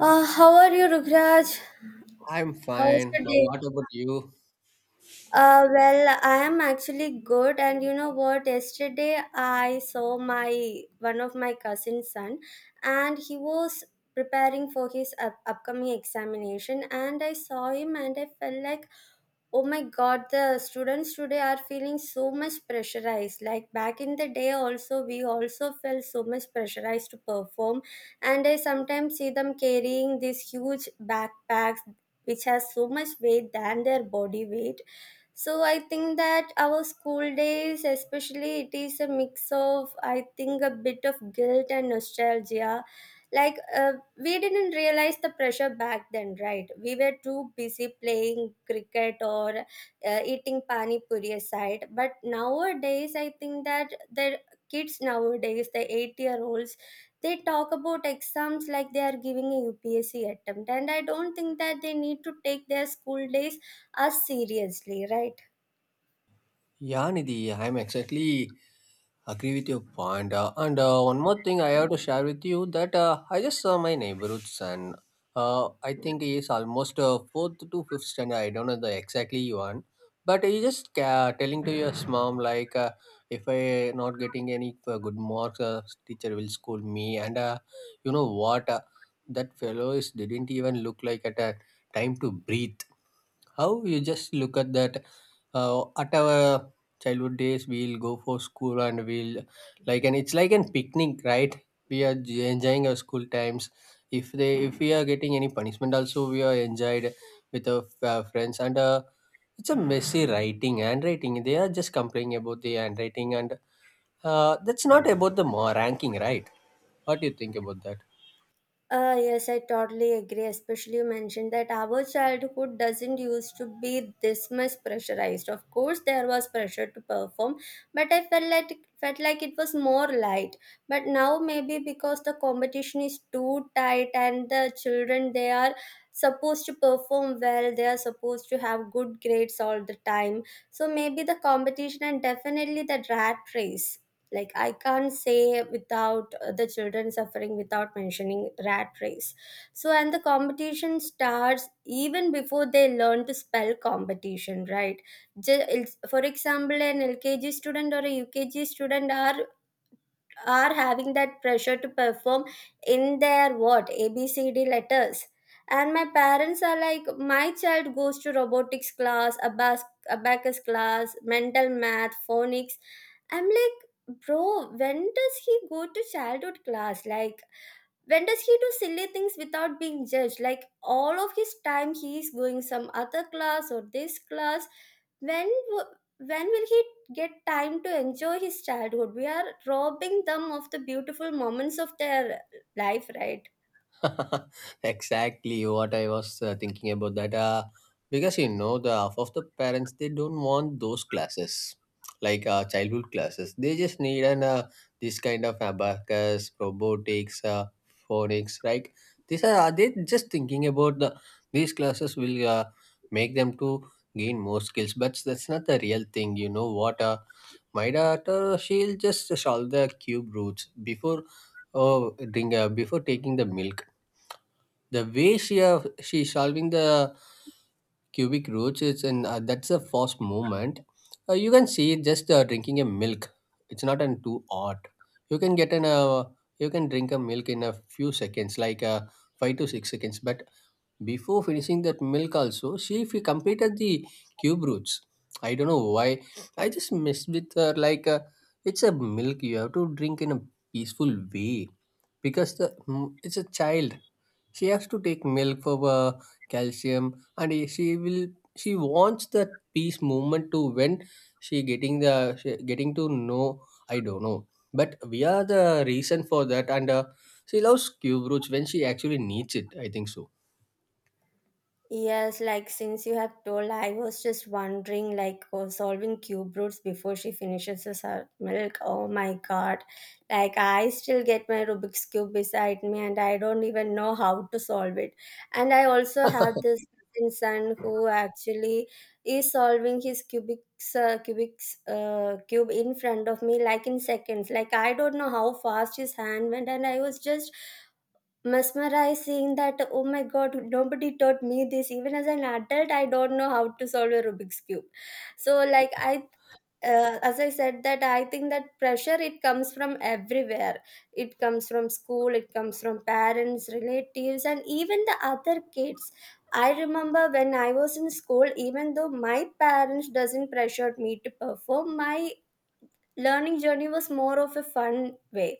How are you, Rukraj? I'm How was fine. your How, day? what about you? Well, I am actually good, and you know what? Yesterday, I saw my one of my cousin's son, and he was preparing for his upcoming examination. And I saw him, and I felt like, oh my god, the students today are feeling so much pressurized. Like back in the day, also we also felt so much pressurized to perform, and I sometimes see them carrying these huge backpacks which has so much weight than their body weight, so I think that our school days, especially, it is a mix of, I think, a bit of guilt and nostalgia. Like, we didn't realize the pressure back then, right? We were too busy playing cricket or eating pani puri aside. But nowadays, I think that the kids nowadays, the 8-year-olds, they talk about exams like they are giving a UPSC attempt, and I don't think that they need to take their school days as seriously, right? Yeah, Nidhi, I'm exactly agree with your point. And one more thing I have to share with you that I just saw my neighborhood's, and I think he is almost fourth to fifth standard. I don't know the exactly one, but he just telling to his mom like, if I not getting any good marks, teacher will scold me. And You know what? That fellow is didn't even look like at a time to breathe. How you just look at that. At our childhood days, we'll go for school and we'll, like, and it's like an picnic, right? We are enjoying our school times. If we are getting any punishment, also we are enjoyed with our friends. And It's a messy writing, handwriting. They are just complaining about the handwriting, and that's not about the more ranking, right? What do you think about that? Yes, I totally agree. Especially you mentioned that our childhood doesn't used to be this much pressurized. Of course, there was pressure to perform, but I felt like it was more light. But now maybe because the competition is too tight and the children they are supposed to perform well, they are supposed to have good grades all the time. So maybe the competition and definitely the rat race, like I can't say without the children suffering without mentioning rat race. So, and the competition starts even before they learn to spell competition, right? Ju- for example, an LKG student or a UKG student are having that pressure to perform in their what ABCD letters. And my parents are like, my child goes to robotics class, abacus class, mental math, phonics. I'm like, bro, when does he go to childhood class? Like, when does he do silly things without being judged? Like, all of his time he is going some other class or this class. when w- when will he get time to enjoy his childhood? We are robbing them of the beautiful moments of their life, right? Exactly what I was thinking about that. Because the half of the parents they don't want those classes, like childhood classes. They just need an, this kind of abacus, robotics, phonics. Like these are they just thinking about the these classes will make them to gain more skills, but that's not the real thing. You know what? My daughter she'll just solve the cube roots before. Oh, drink before taking the milk, the way she she's solving the cubic roots is in, that's a fast movement. You can see just drinking a milk, it's not an too hot. You can get an, you can drink a milk in a few seconds, like 5 to 6 seconds, but before finishing that milk also she if you completed the cube roots. I don't know why. I just messed with her like, it's a milk, you have to drink in a peaceful way because the it's a child, she has to take milk for calcium. And she wants that peace movement to when she getting the she getting to know. I don't know, but we are the reason for that. And she loves cube roots when she actually needs it, I think so. Yes, like since you have told, I was just wondering, like, oh, solving cube roots before she finishes her milk. Oh my god. Like, I still get my Rubik's Cube beside me and I don't even know how to solve it. And I also have this cousin son who actually is solving his cube in front of me, like in seconds. Like, I don't know how fast his hand went, and I was just mesmerizing that, oh my god, nobody taught me this. Even as an adult I don't know how to solve a Rubik's Cube. So like, I as I said that, I think that pressure, it comes from everywhere. It comes from school, it comes from parents, relatives, and even the other kids. I remember when I was in school, even though my parents doesn't pressured me to perform, my learning journey was more of a fun way.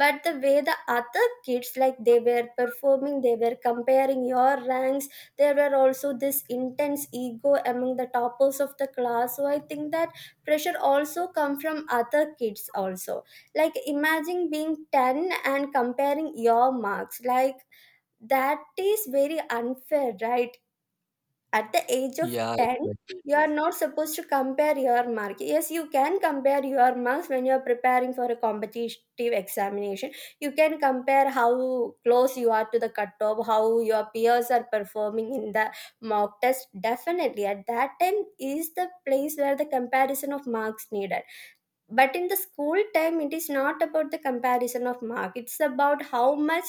But the way the other kids, like they were performing, they were comparing your ranks. There were also this intense ego among the toppers of the class, so I think that pressure also come from other kids also. Like imagine being 10 and comparing your marks, like that is very unfair, right? At the age of Yeah, 10, exactly. you are not supposed to compare your mark. Yes, you can compare your marks when you are preparing for a competitive examination. You can compare how close you are to the cutoff, how your peers are performing in the mock test. Definitely at that time is the place where the comparison of marks needed. But in the school time, it is not about the comparison of mark, it's about how much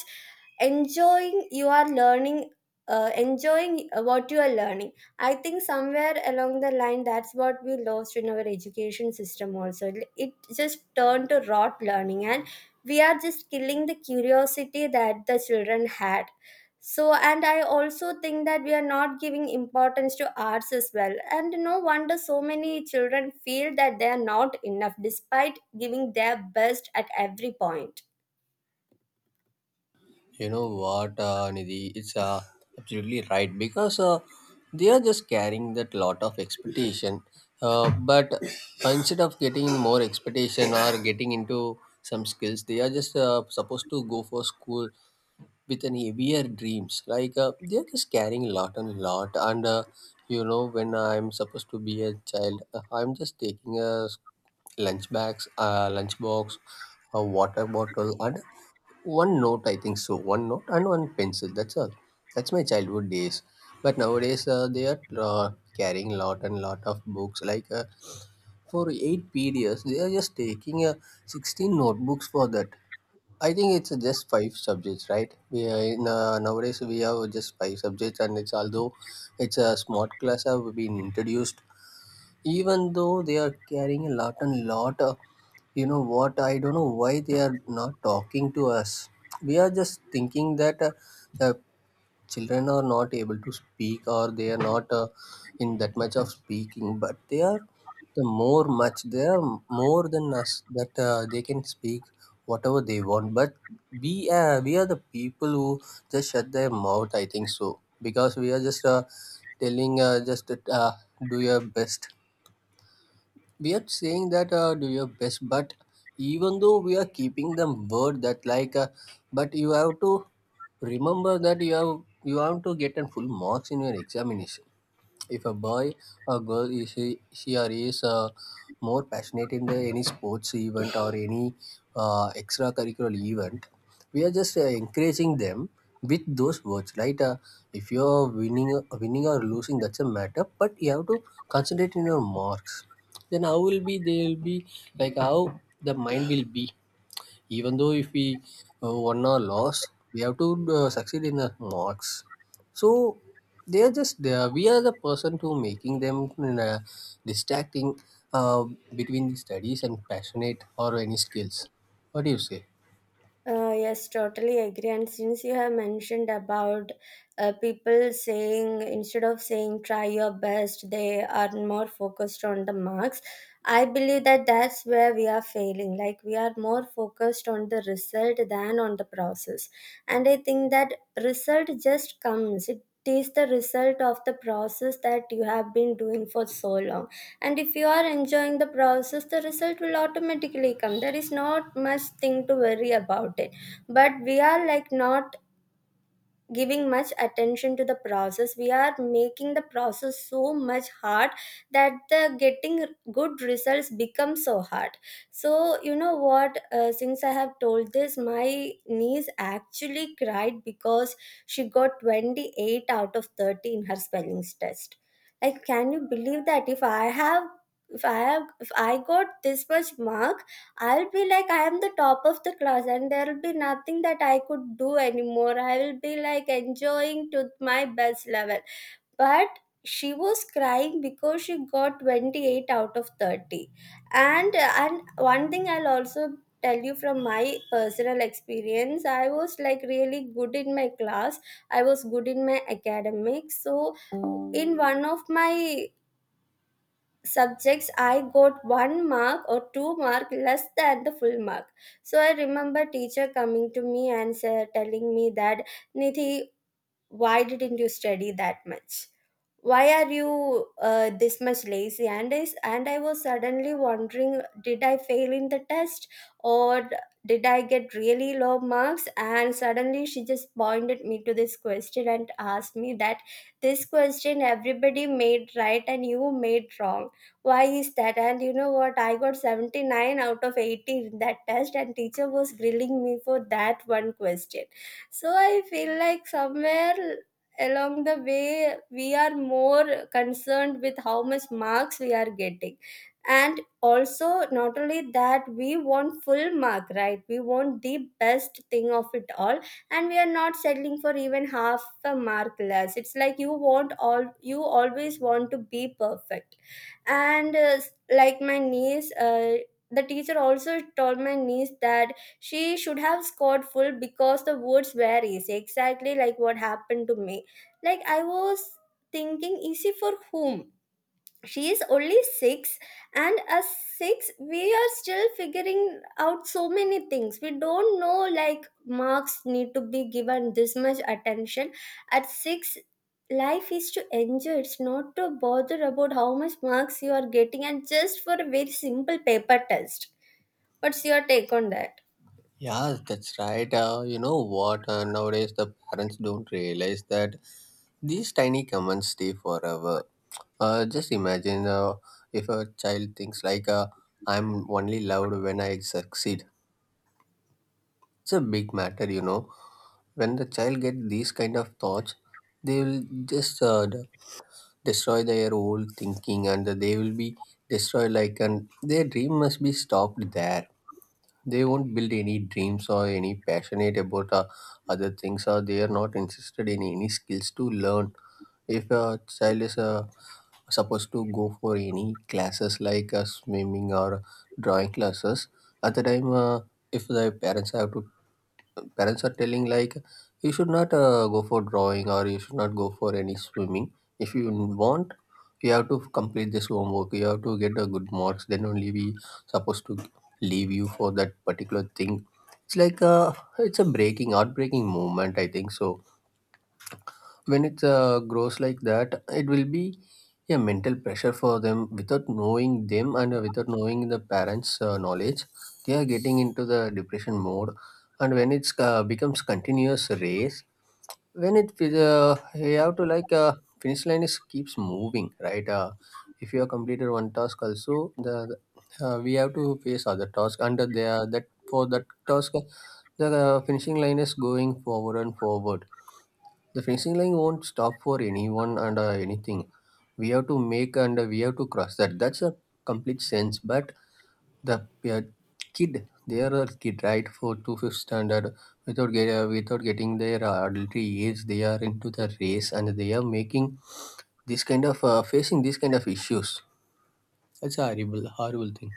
enjoying you are learning, enjoying what you are learning. I think somewhere along the line, that's what we lost in our education system also. It just turned to rote learning, and we are just killing the curiosity that the children had. So, and I also think that we are not giving importance to arts as well, and no wonder so many children feel that they are not enough despite giving their best at every point. You know what, Nidhi? It's absolutely right because they are just carrying that lot of expectation. But instead of getting more expectation or getting into some skills, they are just supposed to go for school with an heavier dreams. Like they are just carrying lot and lot. And You know, when I'm supposed to be a child, I'm just taking a lunch bags, lunch box, a water bottle, and one note, I think so. One note and one pencil. That's all. That's my childhood days. But nowadays, they are carrying lot and lot of books. Like for eight periods, they are just taking 16 notebooks for that. I think it's just five subjects, right? We are in, nowadays we have just five subjects, and it's, although it's a smart class have been introduced, even though they are carrying a lot and lot of, you know what, I don't know why they are not talking to us. We are just thinking that the children are not able to speak, or they are not in that much of speaking, but they are the more much they are more than us, that they can speak whatever they want. But we are the people who just shut their mouth, I think so, because we are just telling, just do your best. We are saying that do your best, but even though we are keeping the word that, like but you have to remember that you have to get a full marks in your examination. If a boy or girl is she or he is more passionate in the any sports event or any extracurricular event, we are just encouraging them with those words, right? If you're winning or losing, that's a matter, but you have to concentrate in your marks. Then how will be they'll be, like how the mind will be, even though if we won or lost, we have to succeed in the marks. So they are just they we are the person to making them distracting uh, between the studies and passionate or any skills. What do you say? Yes, totally agree. And since you have mentioned about people saying instead of saying try your best, they are more focused on the marks. I believe that that's where we are failing. Like, we are more focused on the result than on the process. And I think that result just comes. It is the result of the process that you have been doing for so long, and if you are enjoying the process, the result will automatically come. There is not much thing to worry about it. But we are like not giving much attention to the process. We are making the process so much hard that the getting good results become so hard. So, you know what, since I have told this, my niece actually cried because she got 28 out of 30 in her spellings test. Like, can you believe that? If I got this much mark, I'll be like, I am the top of the class, and there'll be nothing that I could do anymore. I will be like enjoying to my best level. But she was crying because she got 28 out of 30. And one thing I'll also tell you from my personal experience, I was like really good in my class, I was good in my academics. So in one of my subjects I got one mark or two mark less than the full mark. So I remember teacher coming to me and telling me that, Nithi, why didn't you study that much? Why are you this much lazy? And I was suddenly wondering, did I fail in the test, or did I get really low marks? And suddenly she just pointed me to this question and asked me that, this question everybody made right and you made wrong. Why is that? And you know what, I got 79 out of 80 in that test, and teacher was grilling me for that one question. So I feel like somewhere along the way, we are more concerned with how much marks we are getting. And also not only that, we want full mark, right? We want the best thing of it all. And we are not settling for even half a mark less. It's like you want all, you always want to be perfect. And like my niece, the teacher also told my niece that she should have scored full because the words were easy, exactly like what happened to me. Like, I was thinking, easy for whom? She is only six, and as six, we are still figuring out so many things. We don't know, like marks need to be given this much attention. At six, life is to enjoy. It's not to bother about how much marks you are getting, and just for a very simple paper test. What's your take on that? Yeah, that's right. You know what, nowadays the parents don't realize that these tiny comments stay forever. Just imagine, if a child thinks like, "I'm only loved when I succeed." It's a big matter, you know. When the child gets these kind of thoughts, they will just destroy their whole thinking, and they will be destroyed. Like, and their dream must be stopped there. They won't build any dreams or any passionate about other things, or they are not interested in any skills to learn. If a child is a supposed to go for any classes like swimming or drawing classes, at the time, if the parents have to parents are telling like, you should not go for drawing, or you should not go for any swimming. If you want, you have to complete this homework, you have to get a good marks, then only we supposed to leave you for that particular thing. It's like, uh, it's a breaking heartbreaking moment, I think so. When it grows like that, it will be a mental pressure for them without knowing them, and without knowing the parents knowledge, they are getting into the depression mode. And when it's becomes continuous race, when it you have to, like finish line is keeps moving, right? If you have completed one task, also we have to face other task under there, that for that task the finishing line is going forward and forward. The finishing line won't stop for anyone, and anything. We have to make, and we have to cross that. That's a complete sense. But the, kid, they are a kid, right? For two fifth standard, without without getting their adultery age, they are into the race, and they are making this kind of facing these kind of issues. That's a horrible, horrible thing.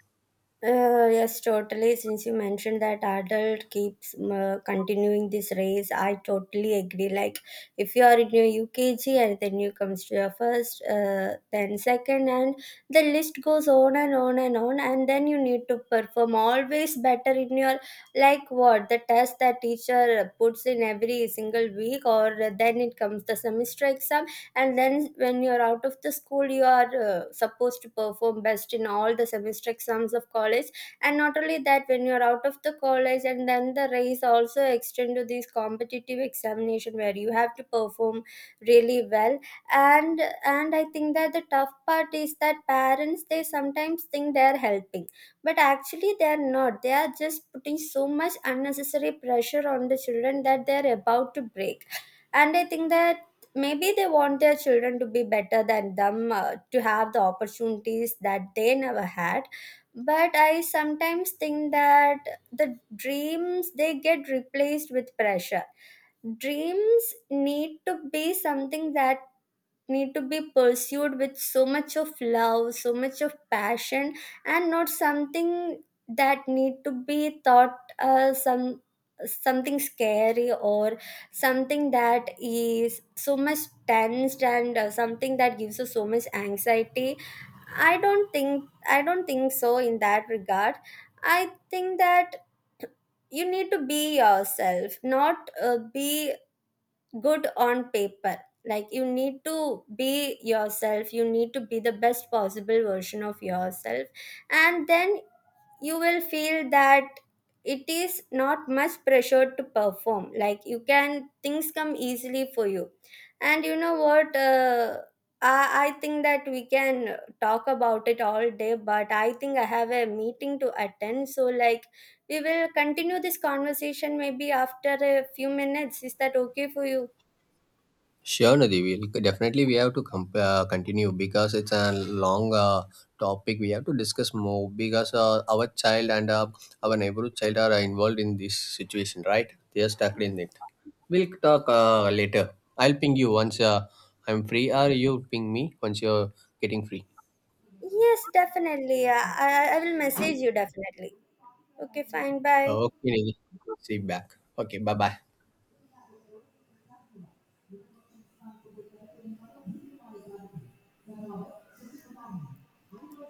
Yes, totally. Since you mentioned that adult keeps continuing this race, I totally agree. Like, if you are in your UKG and then you comes to your first, then second, and the list goes on and on and on, and then you need to perform always better in your, like, what the test that teacher puts in every single week, or then it comes the semester exam. And then when you're out of the school, you are supposed to perform best in all the semester exams of college. And not only that, when you're out of the college, and then the race also extend to these competitive examination where you have to perform really well. And I think that the tough part is that parents, they sometimes think they're helping, but actually they're not. They are just putting so much unnecessary pressure on the children that they're about to break. And I think that maybe they want their children to be better than them, to have the opportunities that they never had. But I sometimes think that the dreams, they get replaced with pressure. Dreams need to be something that need to be pursued with so much of love, so much of passion. And not something that need to be thought, something scary, or something that is so much tensed, and something that gives us so much anxiety. I don't think so in that regard. I think that you need to be yourself, not be good on paper. Like, you need to be yourself, you need to be the best possible version of yourself. And then you will feel that it is not much pressure to perform. Like, you can, things come easily for you. And you know what, I think that we can talk about it all day, but I think I have a meeting to attend, so like we will continue this conversation maybe after a few minutes. Is that okay for you? Sure, Nadi. We'll definitely we have to continue because it's a long topic. We have to discuss more because our child and our neighborhood child are involved in this situation, right? They are stuck in it. We'll talk later. I'll ping you once I'm free, or you ping me once you're getting free. Yes, definitely. I will message you definitely. Okay, fine. Bye. Okay, Nidhi. We'll see you back. Okay, bye bye.